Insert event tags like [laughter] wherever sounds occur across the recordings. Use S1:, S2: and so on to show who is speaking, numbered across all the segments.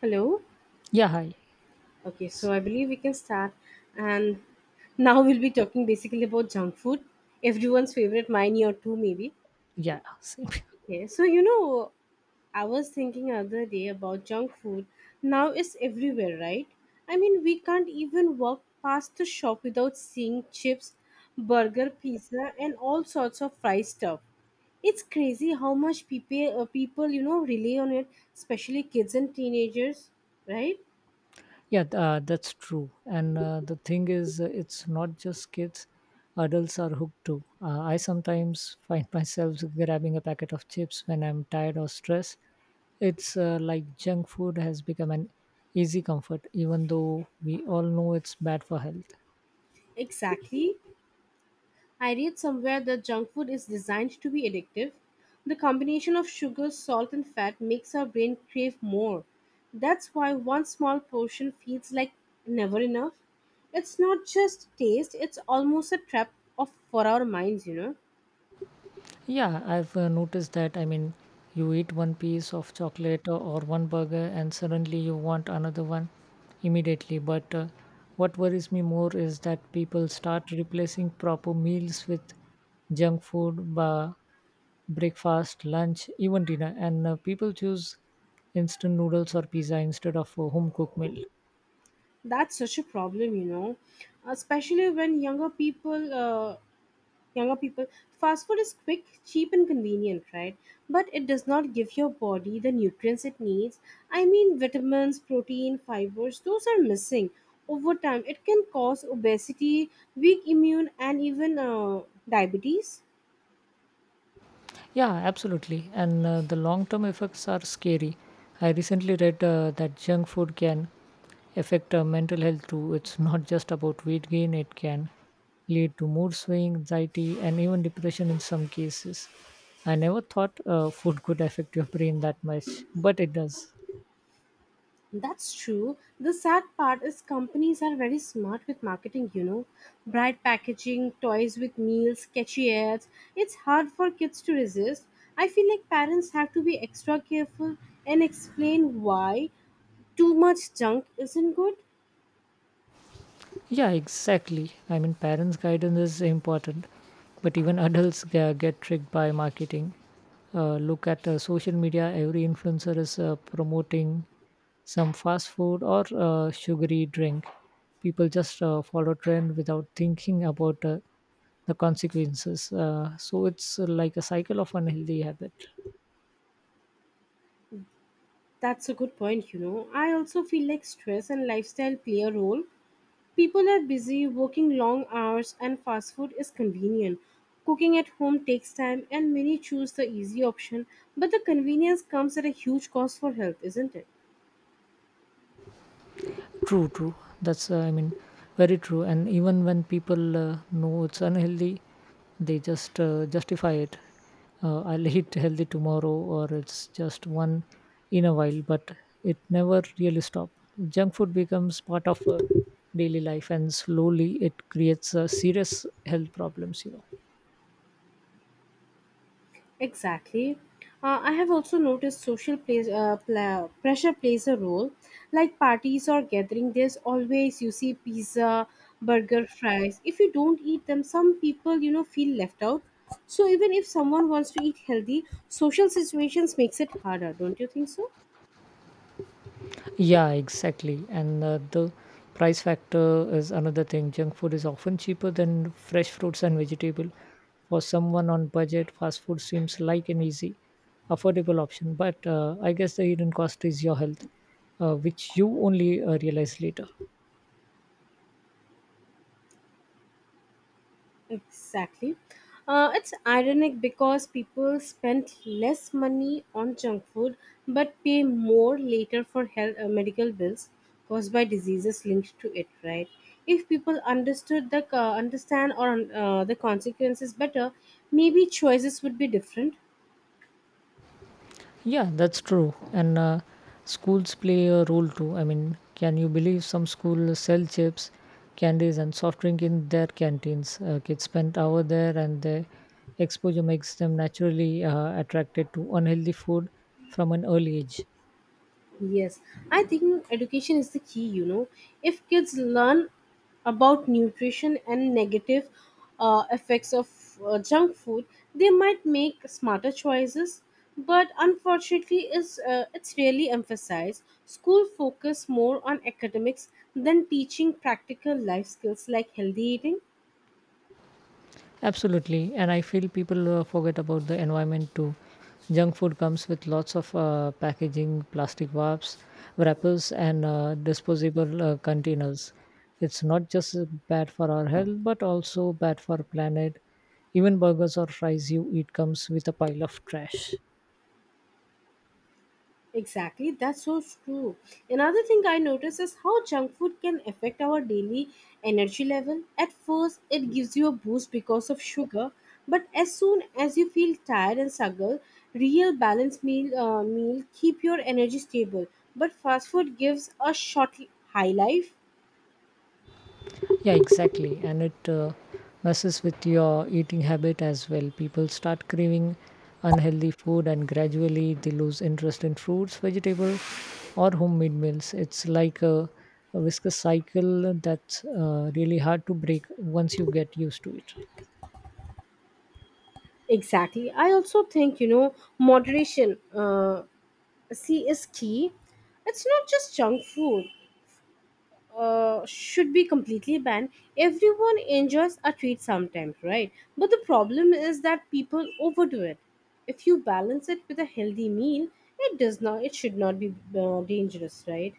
S1: Hello.
S2: Yeah, hi.
S1: Okay, so
S2: S-
S1: I believe we can start. And now we'll be talking basically about junk food, everyone's favorite, mine or two maybe.
S2: Yeah, see.
S1: Okay, so you know, I was thinking other day about junk food. Now it's everywhere, right? I mean, we can't even walk past the shop without seeing chips, burger, pizza, and all sorts of fried stuff. It's crazy how much people you know, rely on it, especially kids and teenagers, right?
S2: [laughs] Yeah, that's true. And the thing is, it's not just kids; adults are hooked too. I sometimes find [laughs] myself grabbing a packet of chips when I'm tired or stressed. It's like junk food has become an easy comfort, even though we all know it's bad for health.
S1: Exactly. I read somewhere that junk food is designed to be addictive. The combination of sugar, salt, and fat makes our brain crave more. That's why one small portion feels like never enough. It's not just taste, it's almost a trap of for our minds, you know.
S2: Yeah, I've noticed that. I mean, you eat one piece of chocolate or one burger, and suddenly you want another one immediately. But what worries me more is that people start replacing proper meals with junk food, breakfast, lunch, even dinner, and people choose instant noodles or pizza instead of a home cooked meal.
S1: That's such a problem, you know. Especially when younger people, fast food is quick, cheap, and convenient, right? But it does not give your body the nutrients it needs. I mean, vitamins, protein, fibers, those are missing. Over time it can cause obesity, weak immune, and even diabetes.
S2: Yeah, absolutely. And the long term effects are scary. I recently read that junk food can affect mental health too. It's not just about weight gain, it can lead to mood swing, anxiety, and even depression in some cases. I never thought food could affect your brain that much, but it does.
S1: That's true. The sad part is companies are very smart with marketing, you know. Bright packaging, toys with meals, catchy ads. It's hard for kids to resist. I feel like parents have to be extra careful and explain why too much junk isn't good.
S2: Yeah, exactly. I mean, parents' guidance is important, but even adults get tricked by marketing. Look at social media, every influencer is promoting some fast food or sugary drink. People just follow trend without thinking about the consequences. So it's like a cycle of unhealthy habit.
S1: That's a good point, you know. I also feel like stress and lifestyle play a role. People are busy working long hours, and fast food is convenient. Cooking at home takes time, and many choose the easy option, but the convenience comes at a huge cost for health, isn't it?
S2: True, true. That's, uh, I mean, very true. And even when people know it's unhealthy, they just justify it. I'll [laughs] eat healthy tomorrow, or it's just one in a while, but it never really stops. Junk food becomes part of daily life, and slowly it creates serious health problems, you know.
S1: Exactly. I have also noticed social plays, pla pressure plays a role. Like parties or gathering, there's always you see pizza, burger, fries. If you don't eat them, some people you know feel left out. So even if someone wants to eat healthy, social situations makes it harder, don't you think so?
S2: Yeah, exactly. And the price factor is another thing. Junk food is often cheaper than fresh fruits and vegetable. For someone on budget, fast food seems like an easy, affordable option. But I guess the hidden cost is your health, which you only realize later.
S1: Exactly. It's ironic because people spend less money on junk food but pay more later for health, medical bills caused by diseases linked to it, right? If people understood the understand or the consequences better, maybe choices would be different.
S2: Yeah, that's true. And schools play a role too. I mean, can you believe some schools sell chips, candies, and soft drink in their canteens? Kids spend hour there, and the exposure makes them naturally attracted to unhealthy food from an early age.
S1: Yes, I think education is the key, you know. If kids learn about nutrition and negative effects of junk food, they might make smarter choices. But unfortunately, is it's really emphasized. School focus more on academics than teaching practical life skills like healthy eating.
S2: Absolutely, and I feel people forget about the environment too. Junk food comes with lots of packaging, plastic wraps, wrappers, and disposable containers. It's not just bad for our health, but also bad for planet. Even burgers or fries you eat comes with a pile of trash.
S1: Exactly, that's so true. Another thing I notice is how junk food can affect our daily energy level. At first, it gives you a boost because of sugar, but as soon as you feel tired and struggle, real balanced meal keep your energy stable. But fast food gives a short high life.
S2: Yeah, exactly. And it messes with your eating habit as well. People start craving unhealthy food and gradually they lose interest in fruits, vegetable, or homemade meals. It's like a viscous cycle that's really hard to break once you get used to it.
S1: Exactly. I also think, you know, moderation see is key. It's not just junk food should be completely banned. Everyone enjoys a treat sometimes, right? But the problem is that people overdo it. If you balance it with a healthy meal, it does not. It should not be dangerous, right?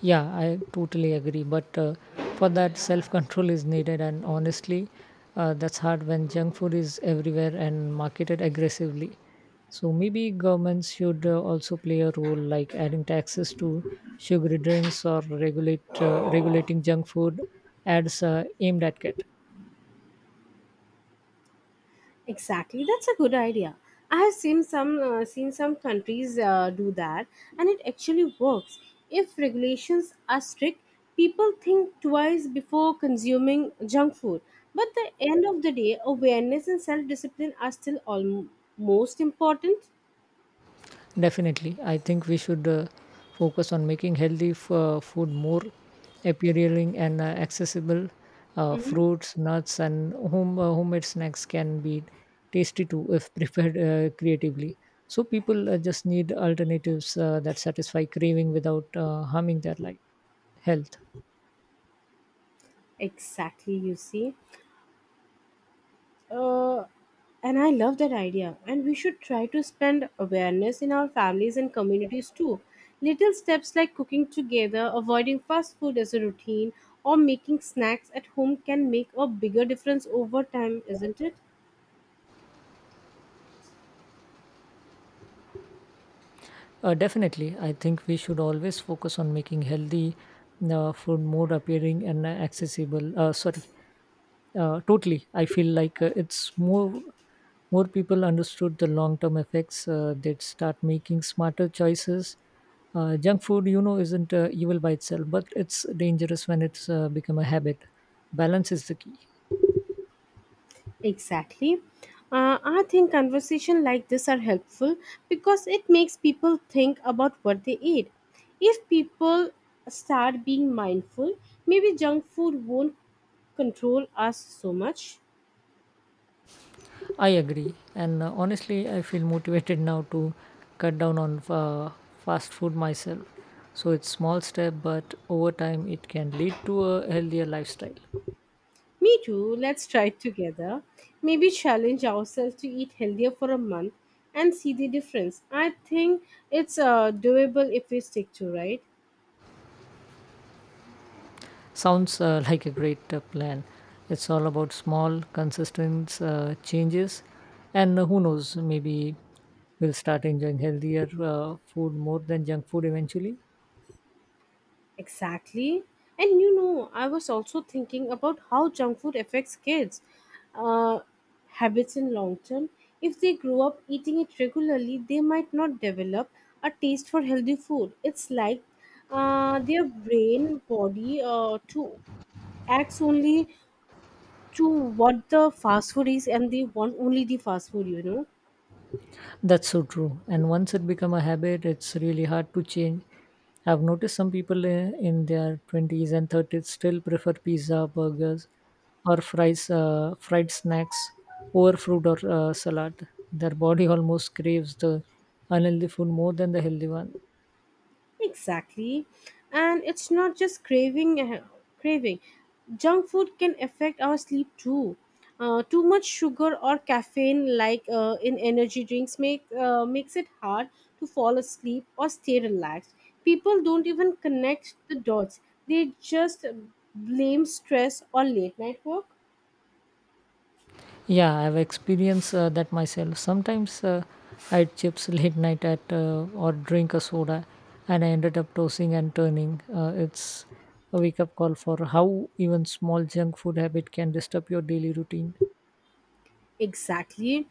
S2: Yeah, I totally agree. But for that, self control is needed. And honestly, that's hard when junk food is everywhere and marketed aggressively. So maybe governments should also play a role, like adding taxes to sugary drinks or regulate regulating junk food ads aimed at kids.
S1: Exactly, that's a good idea. I have seen some countries do that, and it actually works. If regulations are strict, people think twice before consuming junk food. But the end of the day, awareness and self discipline are still almost important.
S2: Definitely, I think we should focus on making healthy food more appealing and accessible.
S1: Mhm.
S2: Fruits, nuts, and homemade snacks can be tasty too if [laughs] prepared creatively. So people just need alternatives that satisfy craving without harming their life health.
S1: Exactly, you see. Uh, and I love that idea. And we should try to spend awareness in our families and communities too. Little steps like cooking together, avoiding fast food as a routine, or making snacks at home can make a bigger difference over time, isn't it?
S2: Definitely, I think we should always focus on making healthy food more appealing and accessible. Sorry. Totally. I feel like it's more, people understood the long term effects. They'd start making smarter choices. Junk food, you know, isn't evil by itself, but it's dangerous when it's become a habit. Balance is the key.
S1: Exactly. I think conversation like this are helpful because it makes people think about what they eat. If people start being mindful, maybe junk food won't control us so much.
S2: I agree, and honestly, I feel motivated [laughs] now to cut down on fast food myself. So it's small step, but over time, it can lead to a healthier lifestyle.
S1: Me too. Let's try it together. Maybe challenge ourselves to eat healthier for a month and see the difference. I think it's doable if we stick to right.
S2: Sounds [laughs] like a great plan. It's all about small, consistent changes, and who knows, maybe we'll start enjoying healthier food more than junk food eventually.
S1: Exactly. And you know, I was also thinking about how junk food affects kids' uh, habits in long term. If they grow up eating it regularly, they might not develop a taste for healthy food. It's like their brain body to acts only to what the fast food is, and they want only the fast food, you know.
S2: That's so true. And once it become a habit, it's really hard to change. I've noticed some people in their twenties and thirties still prefer pizza, burgers, or fries, fried snacks over fruit or salad. Their body almost craves the unhealthy food more than the healthy one.
S1: Exactly. And it's not just craving. Junk food can affect our sleep too. Too much sugar or caffeine, like in energy drinks, makes it hard to fall asleep or stay relaxed. People don't even connect the dots. They just blame stress or late night work.
S2: Yeah, I've experienced that myself. Sometimes I'd chips late night at or drink a soda, and I ended up tossing and turning. It's a wake up call for how even small junk food habit can disturb your daily routine.
S1: Exactly.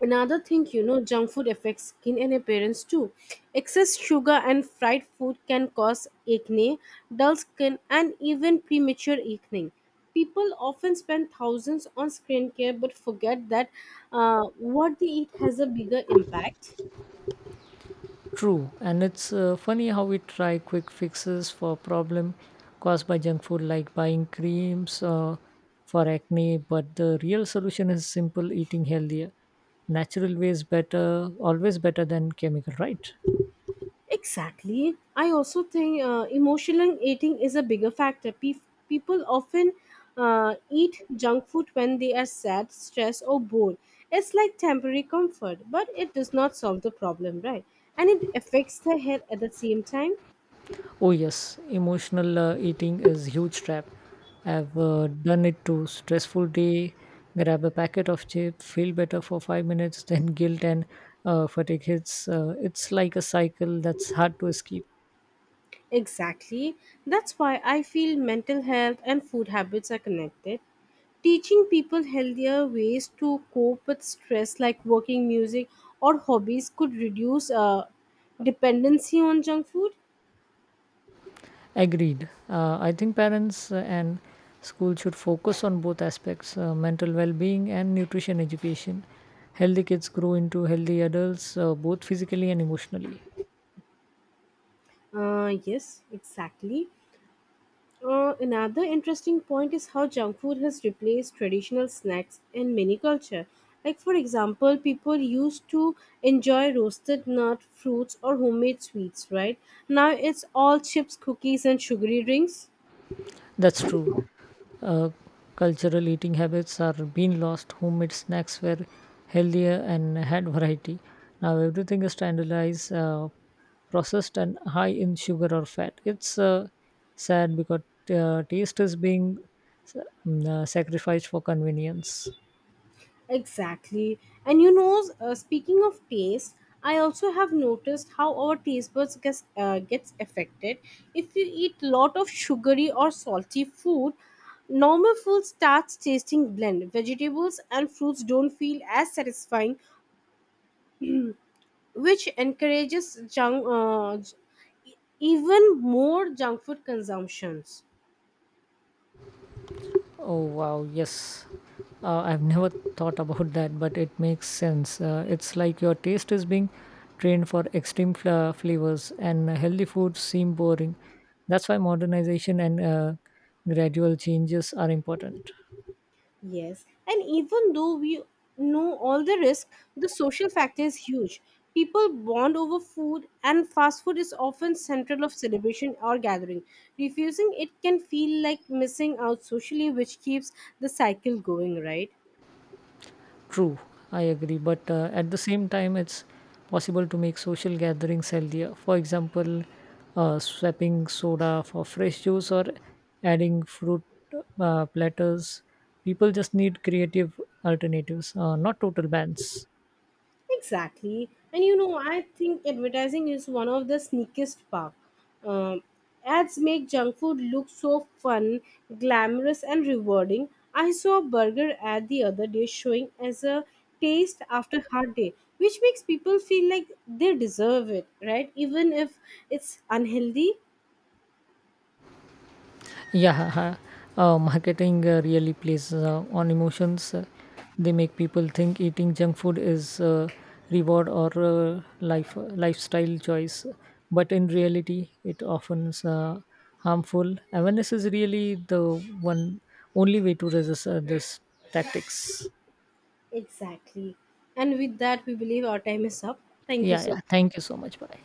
S1: Another thing, you know, junk food affects skin and appearance too. Excess sugar and fried food can cause acne, dull skin, and even premature aging. People often spend thousands on skincare but forget that what they eat has a bigger impact.
S2: True, and it's funny how we try quick fixes for problem caused by junk food, like buying creams for acne, but the real solution is simple: eating healthier, natural ways better, always better than chemical, right?
S1: Exactly. I also think emotional eating is a bigger factor. People often eat junk food when they are sad, stressed, or bored. It's like temporary comfort, but it does not solve the problem, right? And it affects the health at the same time.
S2: Oh yes, emotional eating is huge trap. I've done it too. Stressful day, grab a packet of chips, feel better for 5 minutes, [laughs] then guilt and fatigue hits. It's like a cycle that's hard to escape.
S1: Exactly. That's why I feel mental health and food habits are connected. Teaching people healthier ways to cope with stress, like working, music, or hobbies, could reduce dependency on junk food.
S2: Agreed. I think parents and school should focus on both aspects: mental well-being and nutrition education. Healthy kids grow into healthy adults, both physically and emotionally.
S1: Yes, exactly. Another interesting point is how junk food has replaced traditional snacks in many culture. Like for example, people used to enjoy roasted nut, fruits, or homemade sweets, right? Now it's all chips, cookies, and sugary drinks.
S2: That's true. uh, Cultural eating habits are being lost. Homemade snacks were healthier and had variety. Now everything is standardized, processed, and high in sugar or fat. It's sad because taste is being sacrificed for convenience.
S1: Exactly. And you know, speaking of taste, I also have noticed how our taste buds gets affected. If you eat lot of sugary or salty food, normal food starts tasting bland. Vegetables and fruits don't feel as satisfying, which encourages even more junk food consumptions.
S2: Oh wow, yes. I've never thought about that, but it makes sense. It's like your taste is being trained for extreme flavors, and healthy foods seem boring. That's why modernization and gradual changes are important.
S1: Yes, and even though we know all the risk, the social factor is huge. People bond over food, and fast food is often central of celebration or gathering. Refusing it can feel like missing out socially, which keeps the cycle going, right?
S2: True, I agree. But at the same time, it's possible to make social gatherings healthier. For example, swapping soda for fresh juice or adding fruit platters. People just need creative alternatives, not total bans.
S1: Exactly. And you know, I think advertising is one of the sneakiest part. Um, Ads make junk food look so fun, glamorous, and rewarding. I saw a burger ad the other day showing as a taste after hard day, which makes people feel like they deserve it, right? Even if it's unhealthy.
S2: Yeah, marketing really plays on emotions. They make people think eating junk food is reward or lifestyle choice, but in reality, it often is harmful. Awareness is really the one only way to resist this tactics.
S1: Exactly. And with that, we believe our time is up. Thank you
S2: Yeah,
S1: so
S2: yeah.
S1: much.
S2: Thank you so much. Bye.